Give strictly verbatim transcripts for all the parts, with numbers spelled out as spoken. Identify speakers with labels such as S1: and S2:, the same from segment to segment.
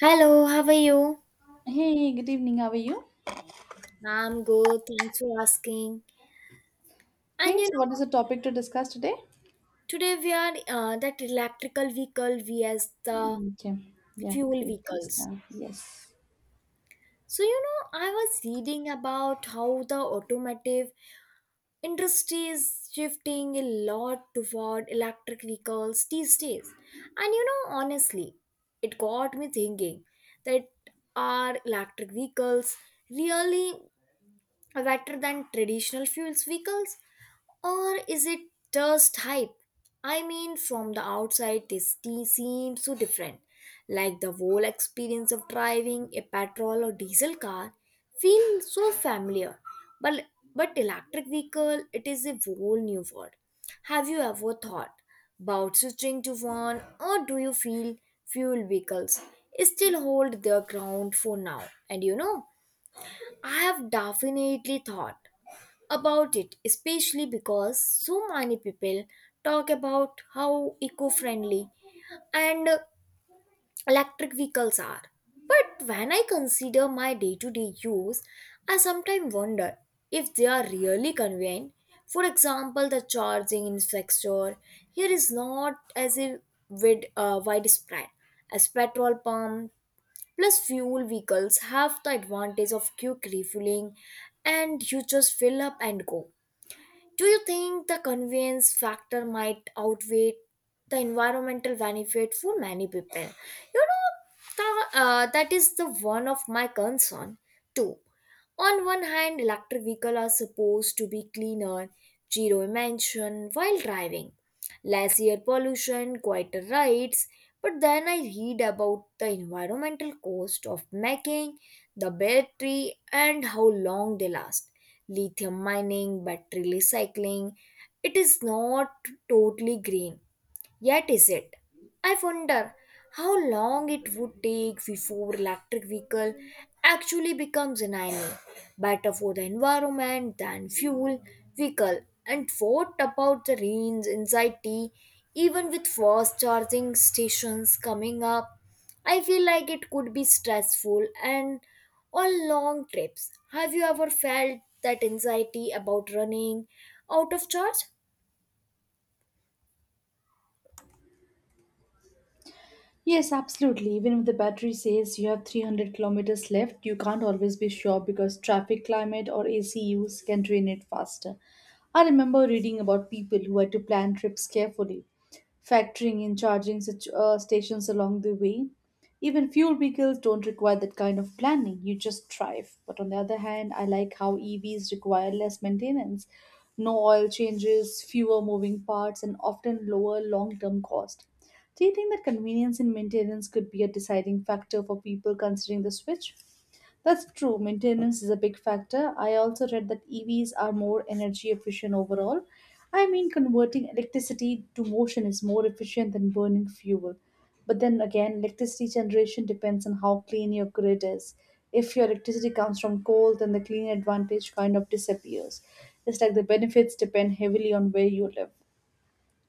S1: Hello, how are you?
S2: Hey, good evening. How are you?
S1: I'm good, thanks for asking. And
S2: Okay,
S1: you
S2: so what is
S1: know,
S2: the topic to discuss today?
S1: today we are uh, that electrical vehicle vs the
S2: Mm, okay, yeah,
S1: fuel
S2: great. Please
S1: vehicles.
S2: start. Yes.
S1: So, you know, I was reading about how the automotive industry is shifting a lot toward electric vehicles these days. And you know, honestly, it got me thinking that are electric vehicles really rather than traditional fuels vehicles? Or is it just hype? I mean, from the outside, this t- seems so different. Like the whole experience of driving a petrol or diesel car feels so familiar. But, but electric vehicle, it is a whole new world. Have you ever thought about switching to one or do you feel fuel vehicles still hold their ground for now? And you know, I have definitely thought about it, especially because so many people talk about how eco friendly and uh, electric vehicles are. But when I consider my day to day use, I sometimes wonder if they are really convenient. For example, the charging infrastructure here is not as if with, uh, widespread as petrol pump plus fuel vehicles have the advantage of quick refueling and you just fill up and go. Do you think the convenience factor might outweigh the environmental benefit for many people? You know, the, uh, that is the one of my concern too. On one hand, electric vehicles are supposed to be cleaner, zero emission while driving, less air pollution, quieter rides. But then I read about the environmental cost of making the battery and how long they last. Lithium mining, battery recycling, it is not totally green yet, is it? I wonder how long it would take before electric vehicle actually becomes an enemy, better for the environment than fuel vehicle. And what about the range anxiety? Even with fast charging stations coming up, I feel like it could be stressful and on long trips. Have you ever felt that anxiety about running out of charge?
S2: Yes, absolutely. Even if the battery says you have three hundred kilometers left, you can't always be sure because traffic, climate, or A C use can drain it faster. I remember reading about people who had to plan trips carefully, factoring in charging such, uh, stations along the way. Even fuel vehicles don't require that kind of planning. You just drive. But on the other hand, I like how E Vs require less maintenance, no oil changes, fewer moving parts, and often lower long term cost. Do you think that convenience in maintenance could be a deciding factor for people considering the switch? That's true. Maintenance is a big factor. I also read that E Vs are more energy efficient overall. I mean, converting electricity to motion is more efficient than burning fuel. But then again, electricity generation depends on how clean your grid is. If your electricity comes from coal, then the clean advantage kind of disappears. It's like the benefits depend heavily on where you live.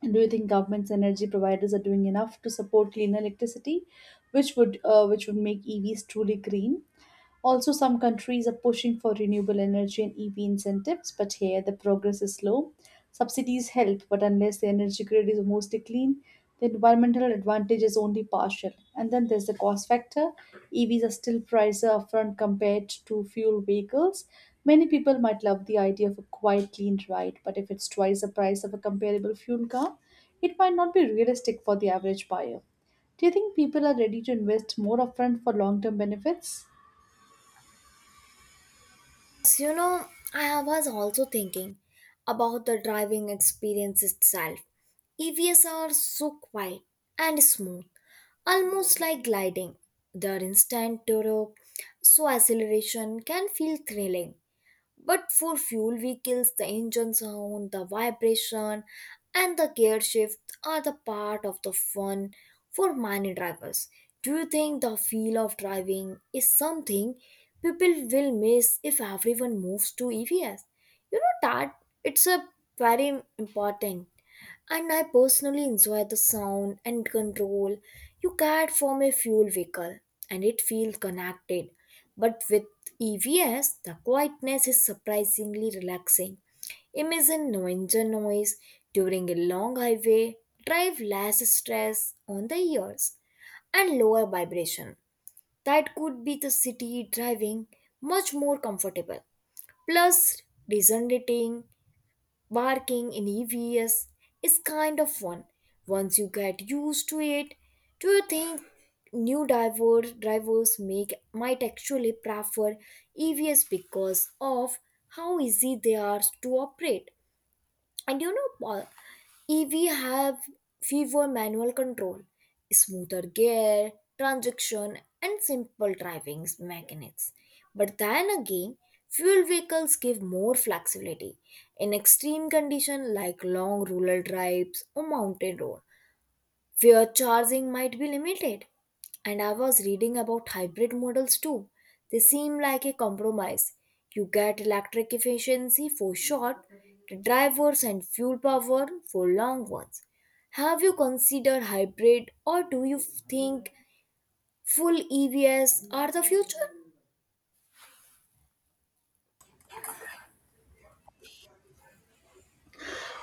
S2: And do you think governments and energy providers are doing enough to support clean electricity, which would uh, which would make E Vs truly green? Also, some countries are pushing for renewable energy and E V incentives, but here the progress is slow. Subsidies help, but unless the energy grid is mostly clean, the environmental advantage is only partial. And then there's the cost factor. E Vs are still pricier upfront compared to fuel vehicles. Many people might love the idea of a quiet, clean ride, but if it's twice the price of a comparable fuel car, it might not be realistic for the average buyer. Do you think people are ready to invest more upfront for long term benefits?
S1: So, you know, I was also thinking about the driving experience itself. E Vs are so quiet and smooth, almost like gliding. Their instant turbo, so acceleration can feel thrilling. But for fuel vehicles, the engine sound, the vibration, and the gear shift are the part of the fun for many drivers. Do you think the feel of driving is something people will miss if everyone moves to E Vs? You know that it's a very important, and I personally enjoy the sound and control you get from a fuel vehicle, and it feels connected. But with E Vs, the quietness is surprisingly relaxing. Imagine no engine noise during a long highway, drive less stress on the ears, and lower vibration. That could be the city driving much more comfortable. Plus, resonating barking in E V S is kind of fun. Once you get used to it, do you think new driver, drivers make might actually prefer E V S because of how easy they are to operate? And you know, Paul, E V have fewer manual control, smoother gear, transaction, and simple driving mechanics. But then again, fuel vehicles give more flexibility in extreme conditions like long rural drives or mountain road where charging might be limited. And I was reading about hybrid models too. They seem like a compromise. You get electric efficiency for short drivers and fuel power for long ones. Have you considered hybrid or do you think full E Vs are the future?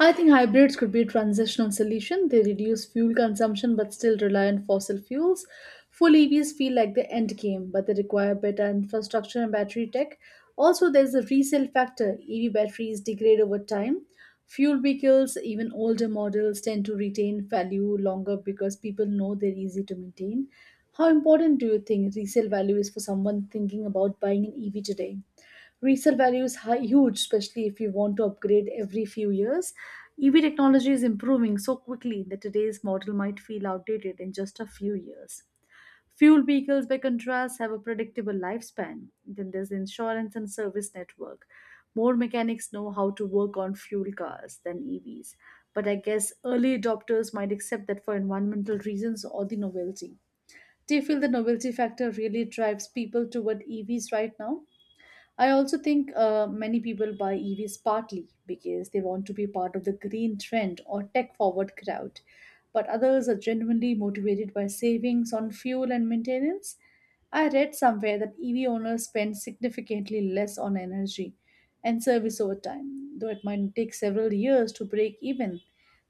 S2: I think hybrids could be a transitional solution. They reduce fuel consumption but still rely on fossil fuels. Full E Vs feel like the end game, but they require better infrastructure and battery tech. Also, there's the resale factor. E V batteries degrade over time. Fuel vehicles, even older models, tend to retain value longer because people know they're easy to maintain. How important do you think resale value is for someone thinking about buying an E V today? Resale value is high, huge, especially if you want to upgrade every few years. EV technology is improving so quickly that today's model might feel outdated in just a few years. Fuel vehicles, by contrast, have a predictable lifespan. Then there's insurance and service network. More mechanics know how to work on fuel cars than EVs, but I guess early adopters might accept that for environmental reasons or the novelty. Do you feel the novelty factor really drives people toward EVs right now? I also think uh, many people buy E Vs partly because they want to be part of the green trend or tech forward crowd, but others are genuinely motivated by savings on fuel and maintenance. I read somewhere that E V owners spend significantly less on energy and service over time, though it might take several years to break even.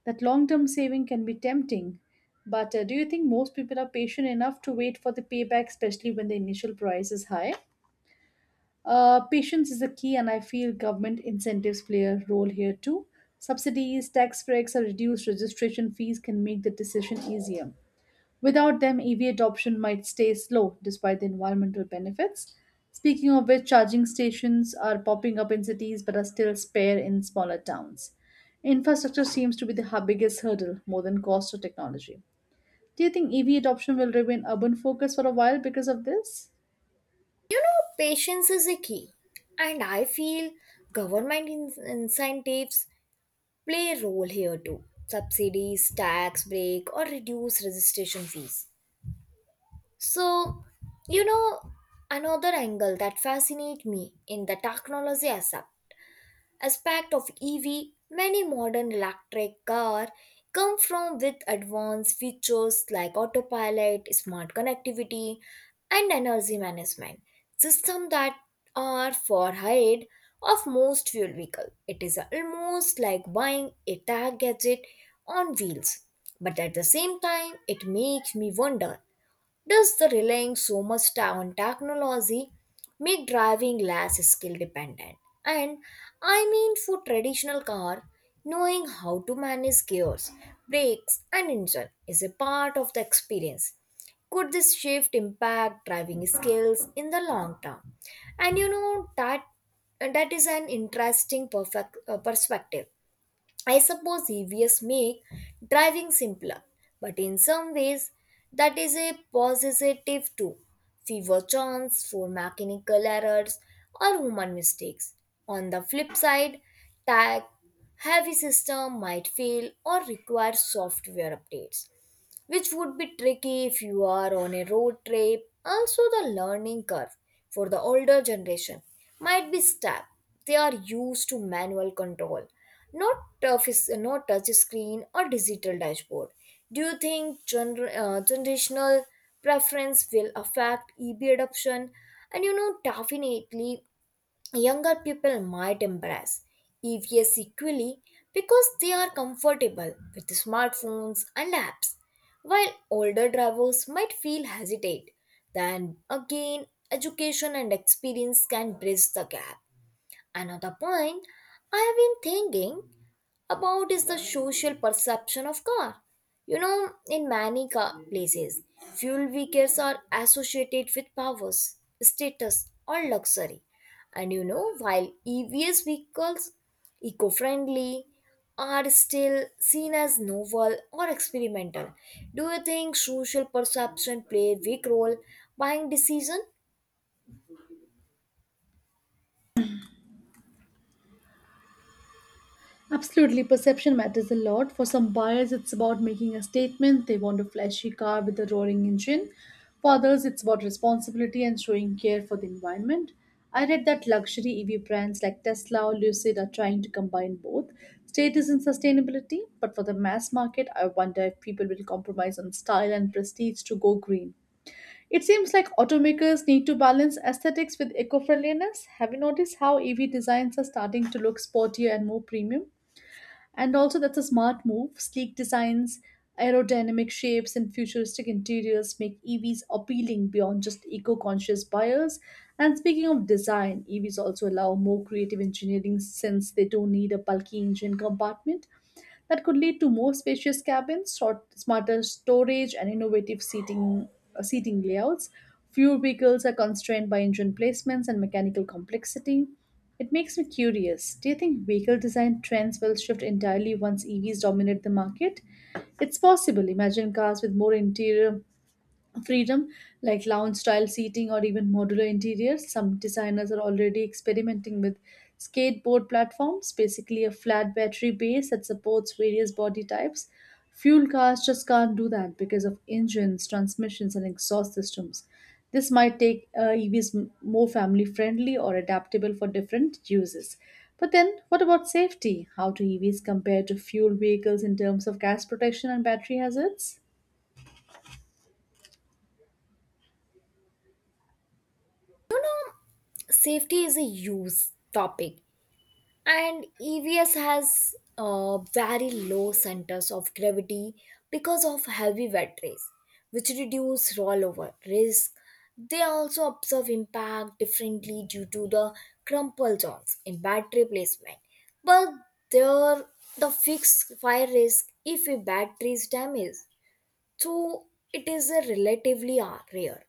S2: That long term saving can be tempting, but uh, do you think most people are patient enough to wait for the payback, especially when the initial price is high? Uh, patience is a key, and I feel government incentives play a role here too. Subsidies, tax breaks, or reduced registration fees can make the decision easier. Without them, E V adoption might stay slow despite the environmental benefits. Speaking of which, charging stations are popping up in cities but are still spare in smaller towns. Infrastructure seems to be the hu- biggest hurdle, more than cost or technology. Do you think E V adoption will remain urban focus for a while because of this?
S1: Know, patience is a key, and I feel government in- incentives play a role here too. Subsidies, tax break, or reduce registration fees. So, you know, another angle that fascinates me in the technology aspect aspect of E V, many modern electric cars come from with advanced features like autopilot, smart connectivity, and energy management system that are far ahead of most fuel vehicle. It is almost like buying a tag gadget on wheels. But at the same time, it makes me wonder does the relying so much ta- on technology make driving less skill dependent? And I mean, for traditional car, knowing how to manage gears, brakes, and engine is a part of the experience. Could this shift impact driving skills in the long term? And you know that that is an interesting perfect uh, perspective. I suppose E Vs make driving simpler, but in some ways that is a positive too. Fewer chance for mechanical errors or human mistakes. On the flip side, tech heavy system might fail or require software updates which would be tricky if you are on a road trip. Also, the learning curve for the older generation might be steep. They are used to manual control, not touch, not touch screen or digital dashboard. Do you think gener- uh, generational preference will affect E B adoption? And you know, definitely younger people might embrace E Vs equally because they are comfortable with smartphones and apps, while older drivers might feel hesitate. Then again, education and experience can bridge the gap. Another point I've been thinking about is the social perception of car. You know, in many car places, fuel vehicles are associated with powers, status, or luxury. And you know, while E V S vehicles, eco-friendly, are still seen as novel or experimental. Do you think social perception play a big role buying decision?
S2: Absolutely, perception matters a lot. For some buyers, it's about making a statement. They want a flashy car with a roaring engine. For others, it's about responsibility and showing care for the environment. I read that luxury E V brands like Tesla or Lucid are trying to combine both status and sustainability. But for the mass market, I wonder if people will compromise on style and prestige to go green. It seems like automakers need to balance aesthetics with eco friendliness. Have you noticed how E V designs are starting to look sportier and more premium? And also, that's a smart move. Sleek designs, aerodynamic shapes, and futuristic interiors make E Vs appealing beyond just eco conscious buyers. And speaking of design, E Vs also allow more creative engineering since they don't need a bulky engine compartment. That could lead to more spacious cabins, short, smarter storage, and innovative seating, uh, seating layouts. Fewer vehicles are constrained by engine placements and mechanical complexity. It makes me curious. Do you think vehicle design trends will shift entirely once E Vs dominate the market? It's possible. Imagine cars with more interior freedom, like lounge style seating or even modular interiors. Some designers are already experimenting with skateboard platforms, basically a flat battery base that supports various body types. Fuel cars just can't do that because of engines, transmissions, and exhaust systems. This might take uh, EVs m- more family friendly or adaptable for different uses. But then what about safety? How do EVs compare to fuel vehicles in terms of gas protection and battery hazards?
S1: Safety is a huge topic. And E V S has uh, very low centers of gravity because of heavy wet rays, which reduce rollover risk. They also observe impact differently due to the crumple zones in battery placement, but there the fixed fire risk if a battery is damaged, so it is a relatively uh, rare.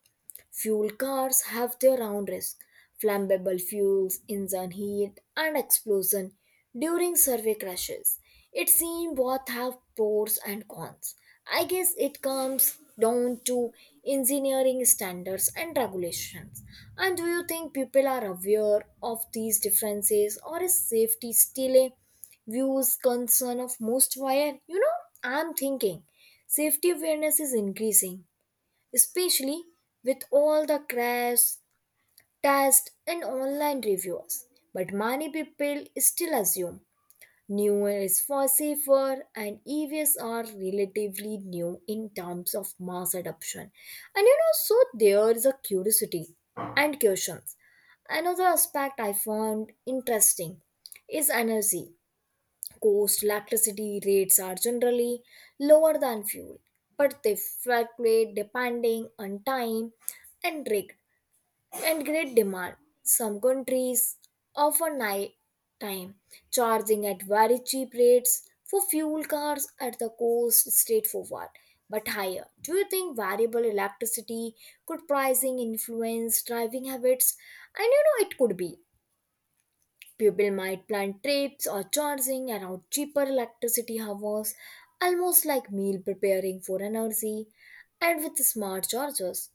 S1: Fuel cars have their own risk. Flammable fuels, engine heat, and explosion during survey crashes. It seems both have pros and cons. I guess it comes down to engineering standards and regulations. And do you think people are aware of these differences or is safety still a views concern of most wire? You know, I'm thinking safety awareness is increasing, especially with all the crash, test, and online reviews. But many people still assume newer is far safer and E Vs are relatively new in terms of mass adoption. And you know, so there is a curiosity and questions. Another aspect I found interesting is energy. Coast electricity rates are generally lower than fuel, but they fluctuate depending on time and rig and grid demand. Some countries offer night time charging at very cheap rates for fuel cars at the coast straightforward but higher. Do you think variable electricity could pricing influence driving habits? And you know it could be. People might plan trips or charging around cheaper electricity hours, almost like meal preparing for energy, and with smart chargers.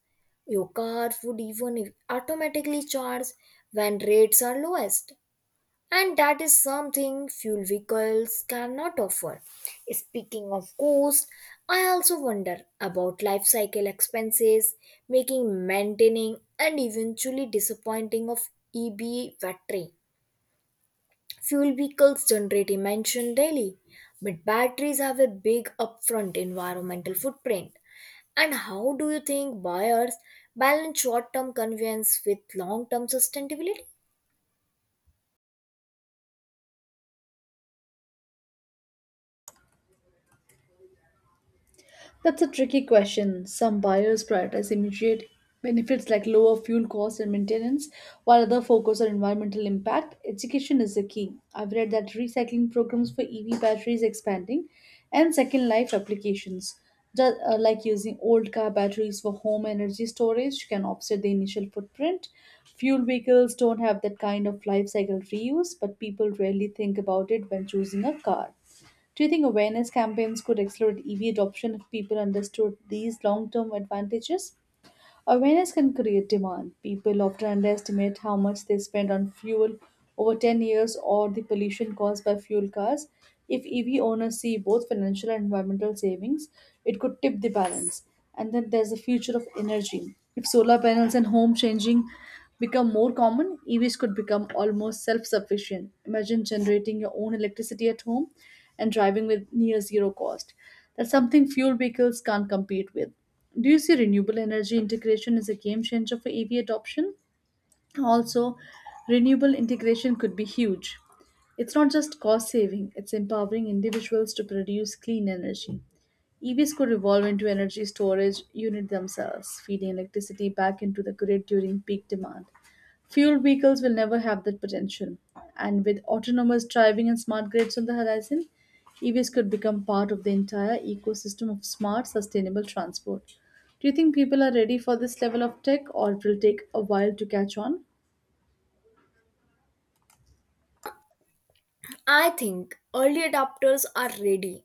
S1: Your car would even automatically charge when rates are lowest. And that is something fuel vehicles cannot offer. Speaking of cost, I also wonder about life cycle expenses, making maintaining and eventually disappointing of E B battery. Fuel vehicles generate emission daily, but batteries have a big upfront environmental footprint. And how do you think buyers balance short term convenience with long term sustainability?
S2: That's a tricky question. Some buyers prioritize immediate benefits like lower fuel costs and maintenance, while others focus on environmental impact. Education is the key. I've read that recycling programs for E V batteries expanding and second life applications, just, uh, like using old car batteries for home energy storage, can offset the initial footprint. Fuel vehicles don't have that kind of life cycle reuse, but people rarely think about it when choosing a car. Do you think awareness campaigns could accelerate E V adoption if people understood these long term advantages? Awareness can create demand. People often underestimate how much they spend on fuel over ten years or the pollution caused by fuel cars. If E V owners see both financial and environmental savings, it could tip the balance. And then there's the future of energy. If solar panels and home changing become more common, E Vs could become almost self sufficient. Imagine generating your own electricity at home and driving with near zero cost. That's something fuel vehicles can't compete with. Do you see renewable energy integration as a game changer for E V adoption? Also, renewable integration could be huge. It's not just cost saving, it's empowering individuals to produce clean energy. E Vs could evolve into energy storage unit themselves, feeding electricity back into the grid during peak demand. Fuel vehicles will never have that potential. And with autonomous driving and smart grids on the horizon, E Vs could become part of the entire ecosystem of smart, sustainable transport. Do you think people are ready for this level of tech or it will take a while to catch on?
S1: I think early adopters are ready.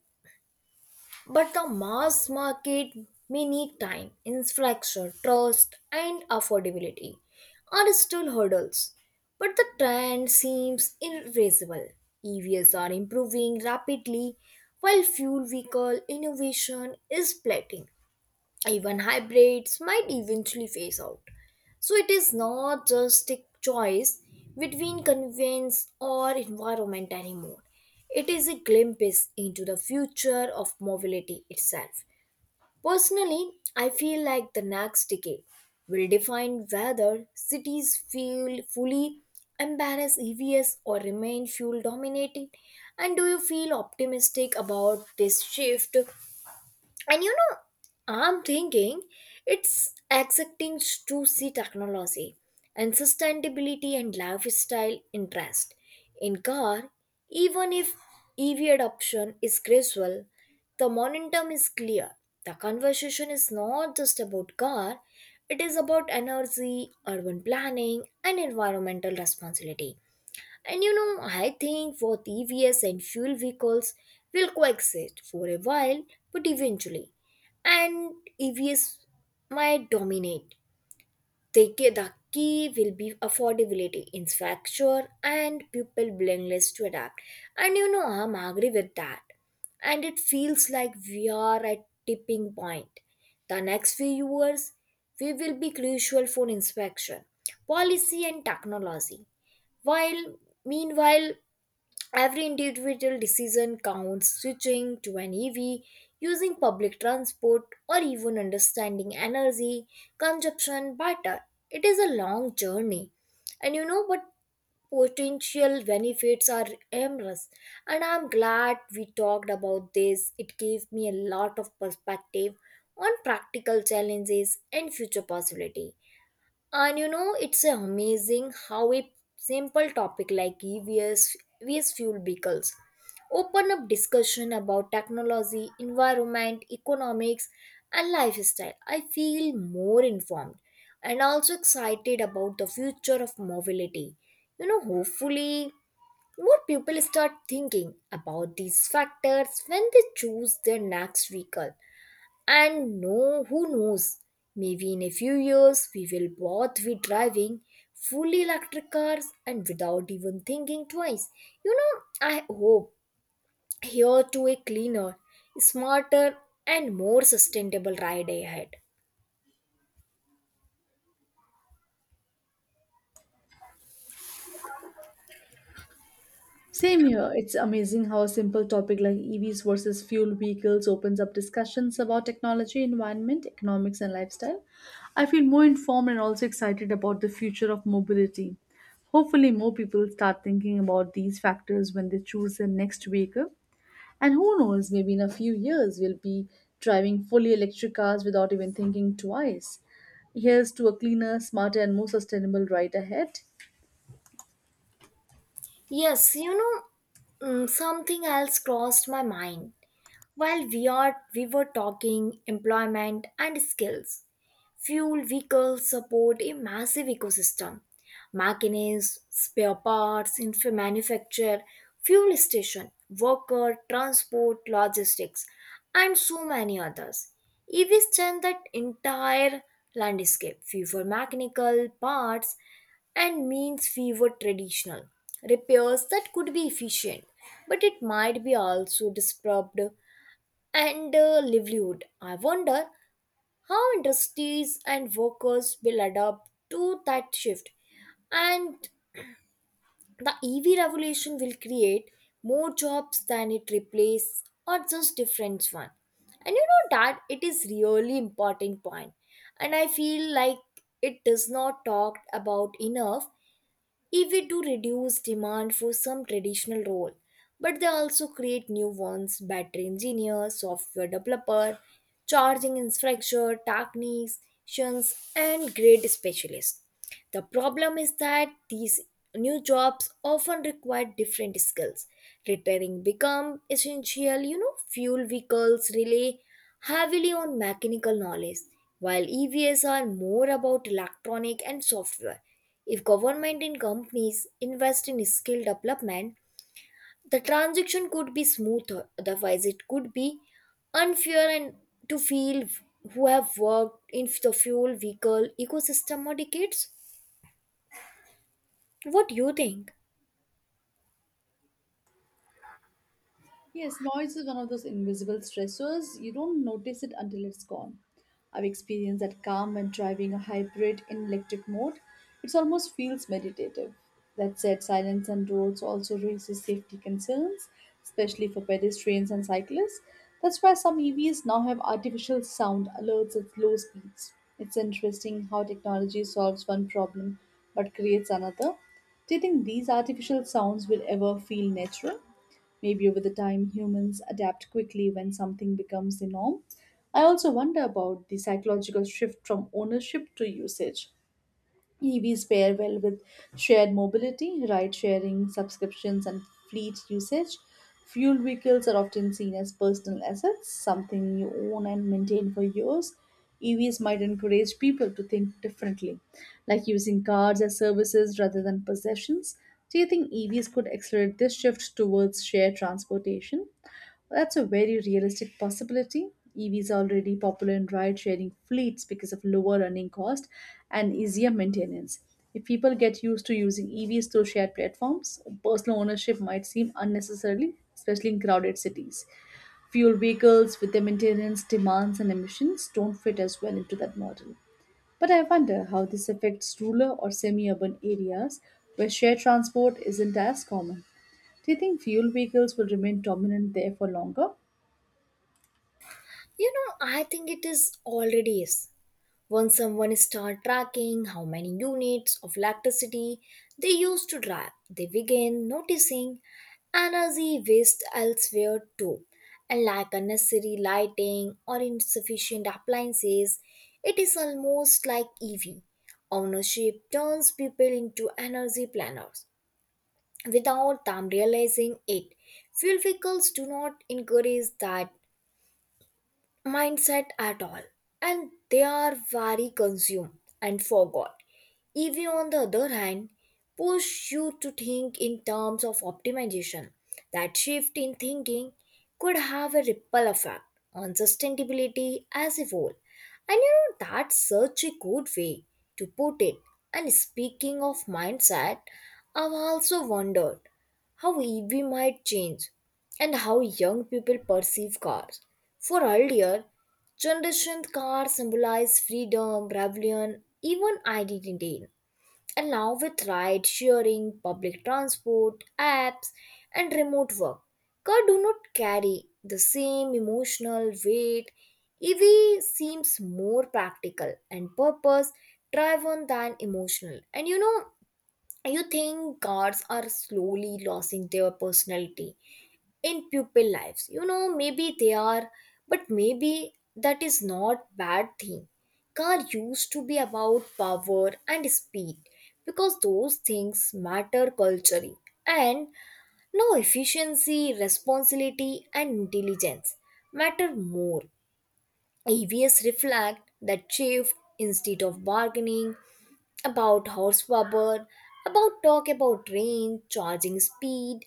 S1: But the mass market may need time, infrastructure, trust, and affordability are still hurdles. But the trend seems irreversible. E Vs are improving rapidly while fuel vehicle innovation is plateauing. Even hybrids might eventually phase out. So it is not just a choice between convenience or environment anymore. It is a glimpse into the future of mobility itself. Personally, I feel like the next decade will define whether cities feel fully embarrass E Vs or remain fuel dominated. And do you feel optimistic about this shift? And you know, I'm thinking it's accepting to see technology and sustainability and lifestyle interest in car, even if E V adoption is gradual, the momentum is clear. The conversation is not just about car, it is about energy, urban planning, and environmental responsibility. And you know, I think both E Vs and fuel vehicles will coexist for a while, but eventually, and E Vs might dominate. They, ca- the key will be affordability, infrastructure, and people willingness to adapt. And you know, I'm agree with that. And it feels like we are at tipping point. The next few years, we will be crucial for inspection, policy, and technology. While Meanwhile every individual decision counts, switching to an E V, using public transport, or even understanding energy consumption better. It is a long journey. And you know what, potential benefits are endless. And I'm glad we talked about this. It gave me a lot of perspective on practical challenges and future possibility. And you know it's amazing how a simple topic like EVs vs V S fuel vehicles open up discussion about technology, environment, economics, and lifestyle. I feel more informed and also excited about the future of mobility. You know hopefully more people start thinking about these factors when they choose their next vehicle. And no, who knows? Maybe in a few years we will both be driving fully electric cars and without even thinking twice. You know, I hope here to a cleaner, smarter, and more sustainable ride ahead.
S2: Same here. It's amazing how a simple topic like E Vs versus fuel vehicles opens up discussions about technology, environment, economics, and lifestyle. I feel more informed and also excited about the future of mobility. Hopefully, more people start thinking about these factors when they choose their next vehicle. And who knows, maybe in a few years, we'll be driving fully electric cars without even thinking twice. Here's to a cleaner, smarter, and more sustainable ride ahead.
S1: Yes, you know, mm, something else crossed my mind. While we are we were talking employment and skills, fuel vehicles support a massive ecosystem. Machinists, spare parts, infra manufacture, fuel station, worker, transport, logistics, and so many others. E Vs change that entire landscape. Fewer mechanical parts and means fewer traditional repairs that could be efficient, but it might be also disrupt and uh, livelihood. I wonder how industries and workers will adapt to that shift, and the E V revolution will create more jobs than it replace or just different one. And you know that it is really important point, and I feel like it does not talked about enough if we do reduce demand for some traditional role but they also create new ones, battery engineer, software developer, charging infrastructure technicians and grid specialists. The problem is that these new jobs often require different skills. Repairing become essential, you know, fuel vehicles rely heavily on mechanical knowledge while evs are more about electronic and software. If government and companies invest in skill development, the transaction could be smoother. Otherwise, it could be unfair and to feel who have worked in the fuel vehicle ecosystem for decades. What do you think?
S2: Yes, noise is one of those invisible stressors. You don't notice it until it's gone. I've experienced that calm when driving a hybrid in electric mode. It almost feels meditative. That said, silence on roads also raises safety concerns, especially for pedestrians and cyclists. That's why some E Vs now have artificial sound alerts at low speeds. It's interesting how technology solves one problem but creates another. Do you think these artificial sounds will ever feel natural? Maybe over the time, humans adapt quickly when something becomes the norm. I also wonder about the psychological shift from ownership to usage. E Vs pair well with shared mobility, ride sharing, subscriptions, and fleet usage. Fuel vehicles are often seen as personal assets, something you own and maintain for years. E Vs might encourage people to think differently, like using cars as services rather than possessions. Do you think E Vs could accelerate this shift towards shared transportation? Well, that's a very realistic possibility. E Vs are already popular in ride sharing fleets because of lower running cost and easier maintenance. If people get used to using E Vs through shared platforms, personal ownership might seem unnecessarily, especially in crowded cities. Fuel vehicles with their maintenance demands and emissions don't fit as well into that model. But I wonder how this affects rural or semi urban areas where shared transport isn't as common. Do you think fuel vehicles will remain dominant there for longer?
S1: You know, I think it is already is. Once someone start tracking how many units of electricity they use to drive, they begin noticing energy waste elsewhere too. And like unnecessary lighting or insufficient appliances, it is almost like E V. Ownership turns people into energy planners without them realizing it. Fuel vehicles do not encourage that mindset at all, and they are very consumed and forgot. Ev on the other hand push you to think in terms of optimization. That shift in thinking could have a ripple effect on sustainability as a whole. And you know that's such a good way to put it. And speaking of mindset, I've also wondered how E V might change and how young people perceive cars. For earlier generations, cars symbolize freedom, rebellion, even identity. And now, with ride sharing, public transport, apps, and remote work, cars do not carry the same emotional weight. E V seems more practical and purpose driven than emotional. And you know, you think gods are slowly losing their personality in pupil lives, you know, maybe they are, but maybe that is not bad thing. Car used to be about power and speed because those things matter culturally, and now efficiency, responsibility and intelligence matter more. Evs reflect that shift. Instead of bargaining about horsepower, about talk about range, charging speed,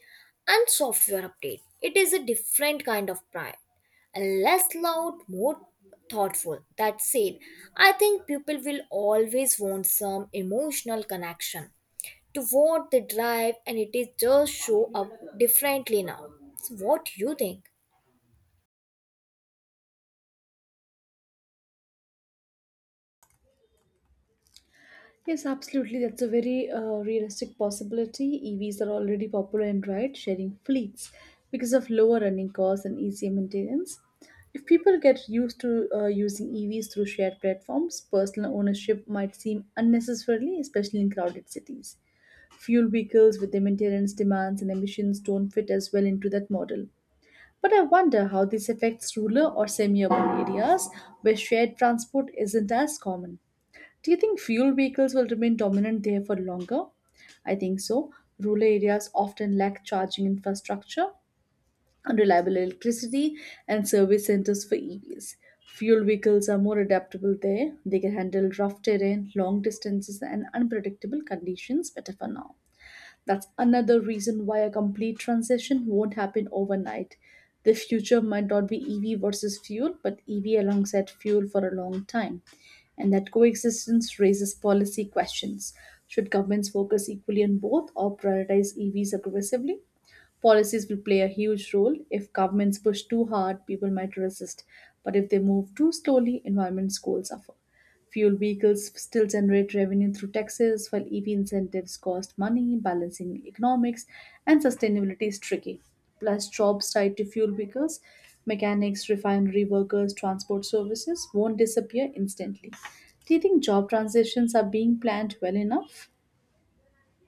S1: and software update. It is a different kind of pride, and less loud, more thoughtful. That said, I think people will always want some emotional connection to what they drive, and it is just show up differently now. So what do you think?
S2: Yes, absolutely. That's a very uh, realistic possibility. E Vs are already popular in ride sharing fleets because of lower running costs and easier maintenance. If people get used to uh, using E Vs through shared platforms, personal ownership might seem unnecessarily, especially in crowded cities. Fuel vehicles with their maintenance demands and emissions don't fit as well into that model. But I wonder how this affects rural or semi urban areas where shared transport isn't as common. Do you think fuel vehicles will remain dominant there for longer? I think so. Rural areas often lack charging infrastructure, unreliable electricity, and service centers for E Vs. Fuel vehicles are more adaptable there. They can handle rough terrain, long distances, and unpredictable conditions better for now. That's another reason why a complete transition won't happen overnight. The future might not be E V versus fuel, but E V alongside fuel for a long time. And that coexistence raises policy questions. Should governments focus equally on both or prioritize E Vs aggressively? Policies will play a huge role. If governments push too hard, people might resist. But if they move too slowly, environment goals suffer. Fuel vehicles still generate revenue through taxes, while E V incentives cost money. Balancing economics and sustainability is tricky. Plus, jobs tied to fuel vehicles, mechanics, refinery workers, transport services won't disappear instantly. Do you think job transitions are being planned well enough?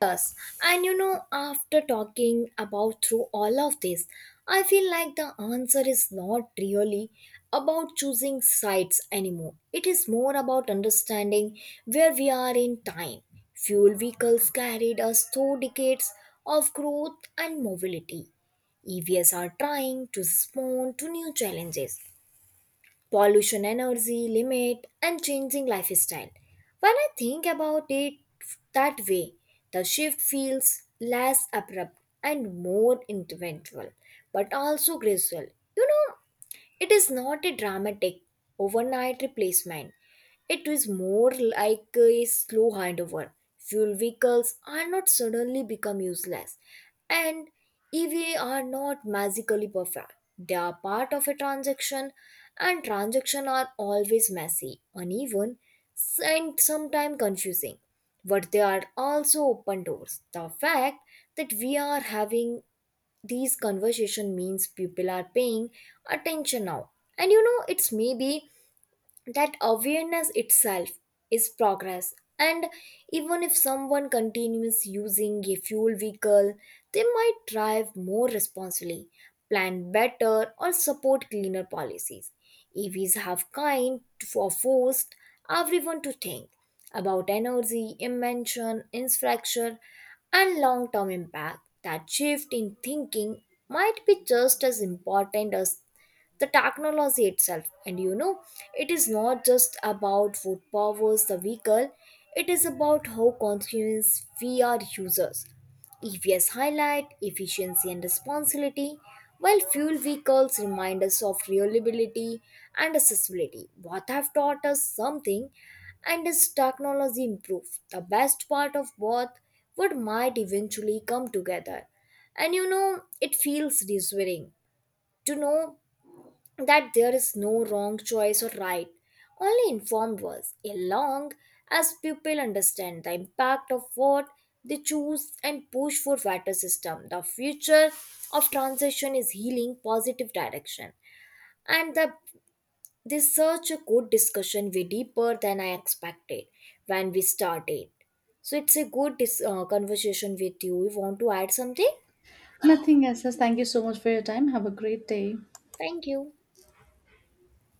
S1: Yes, and you know, after talking about through all of this, I feel like the answer is not really about choosing sites anymore. It is more about understanding where we are in time. Fuel vehicles carried us through decades of growth and mobility. E Vs are trying to respond to new challenges, pollution, energy limit and changing lifestyle. When I think about it that way, the shift feels less abrupt and more eventual but also gradual, you know. It is not a dramatic overnight replacement. It is more like a slow handover. Fuel vehicles are not suddenly become useless, and E V A are not magically perfect. They are part of a transaction, and transactions are always messy, uneven, and sometimes confusing. But they are also open doors. The fact that we are having these conversation means people are paying attention now. And you know it's maybe that awareness itself is progress. And even if someone continues using a fuel vehicle, they might drive more responsibly, plan better or support cleaner policies. Evs have kind for forced everyone to think about energy invention infrastructure and long-term impact. That shift in thinking might be just as important as the technology itself. And you know, it is not just about what powers the vehicle, it is about how conscious we are users. Evs highlight efficiency and responsibility while fuel vehicles remind us of reliability and accessibility. Both have taught us something, and as technology improves the best part of both would might eventually come together. And you know, it feels reassuring to know that there is no wrong choice or right, only informed ones, along as people understand the impact of what they choose and push for better system. The future of transition is healing positive direction. And the this such a good discussion, way deeper than I expected when we started. So it's a good dis- uh, conversation with you. You want to add something?
S2: Nothing else. Thank you so much for your time. Have a great day.
S1: Thank you.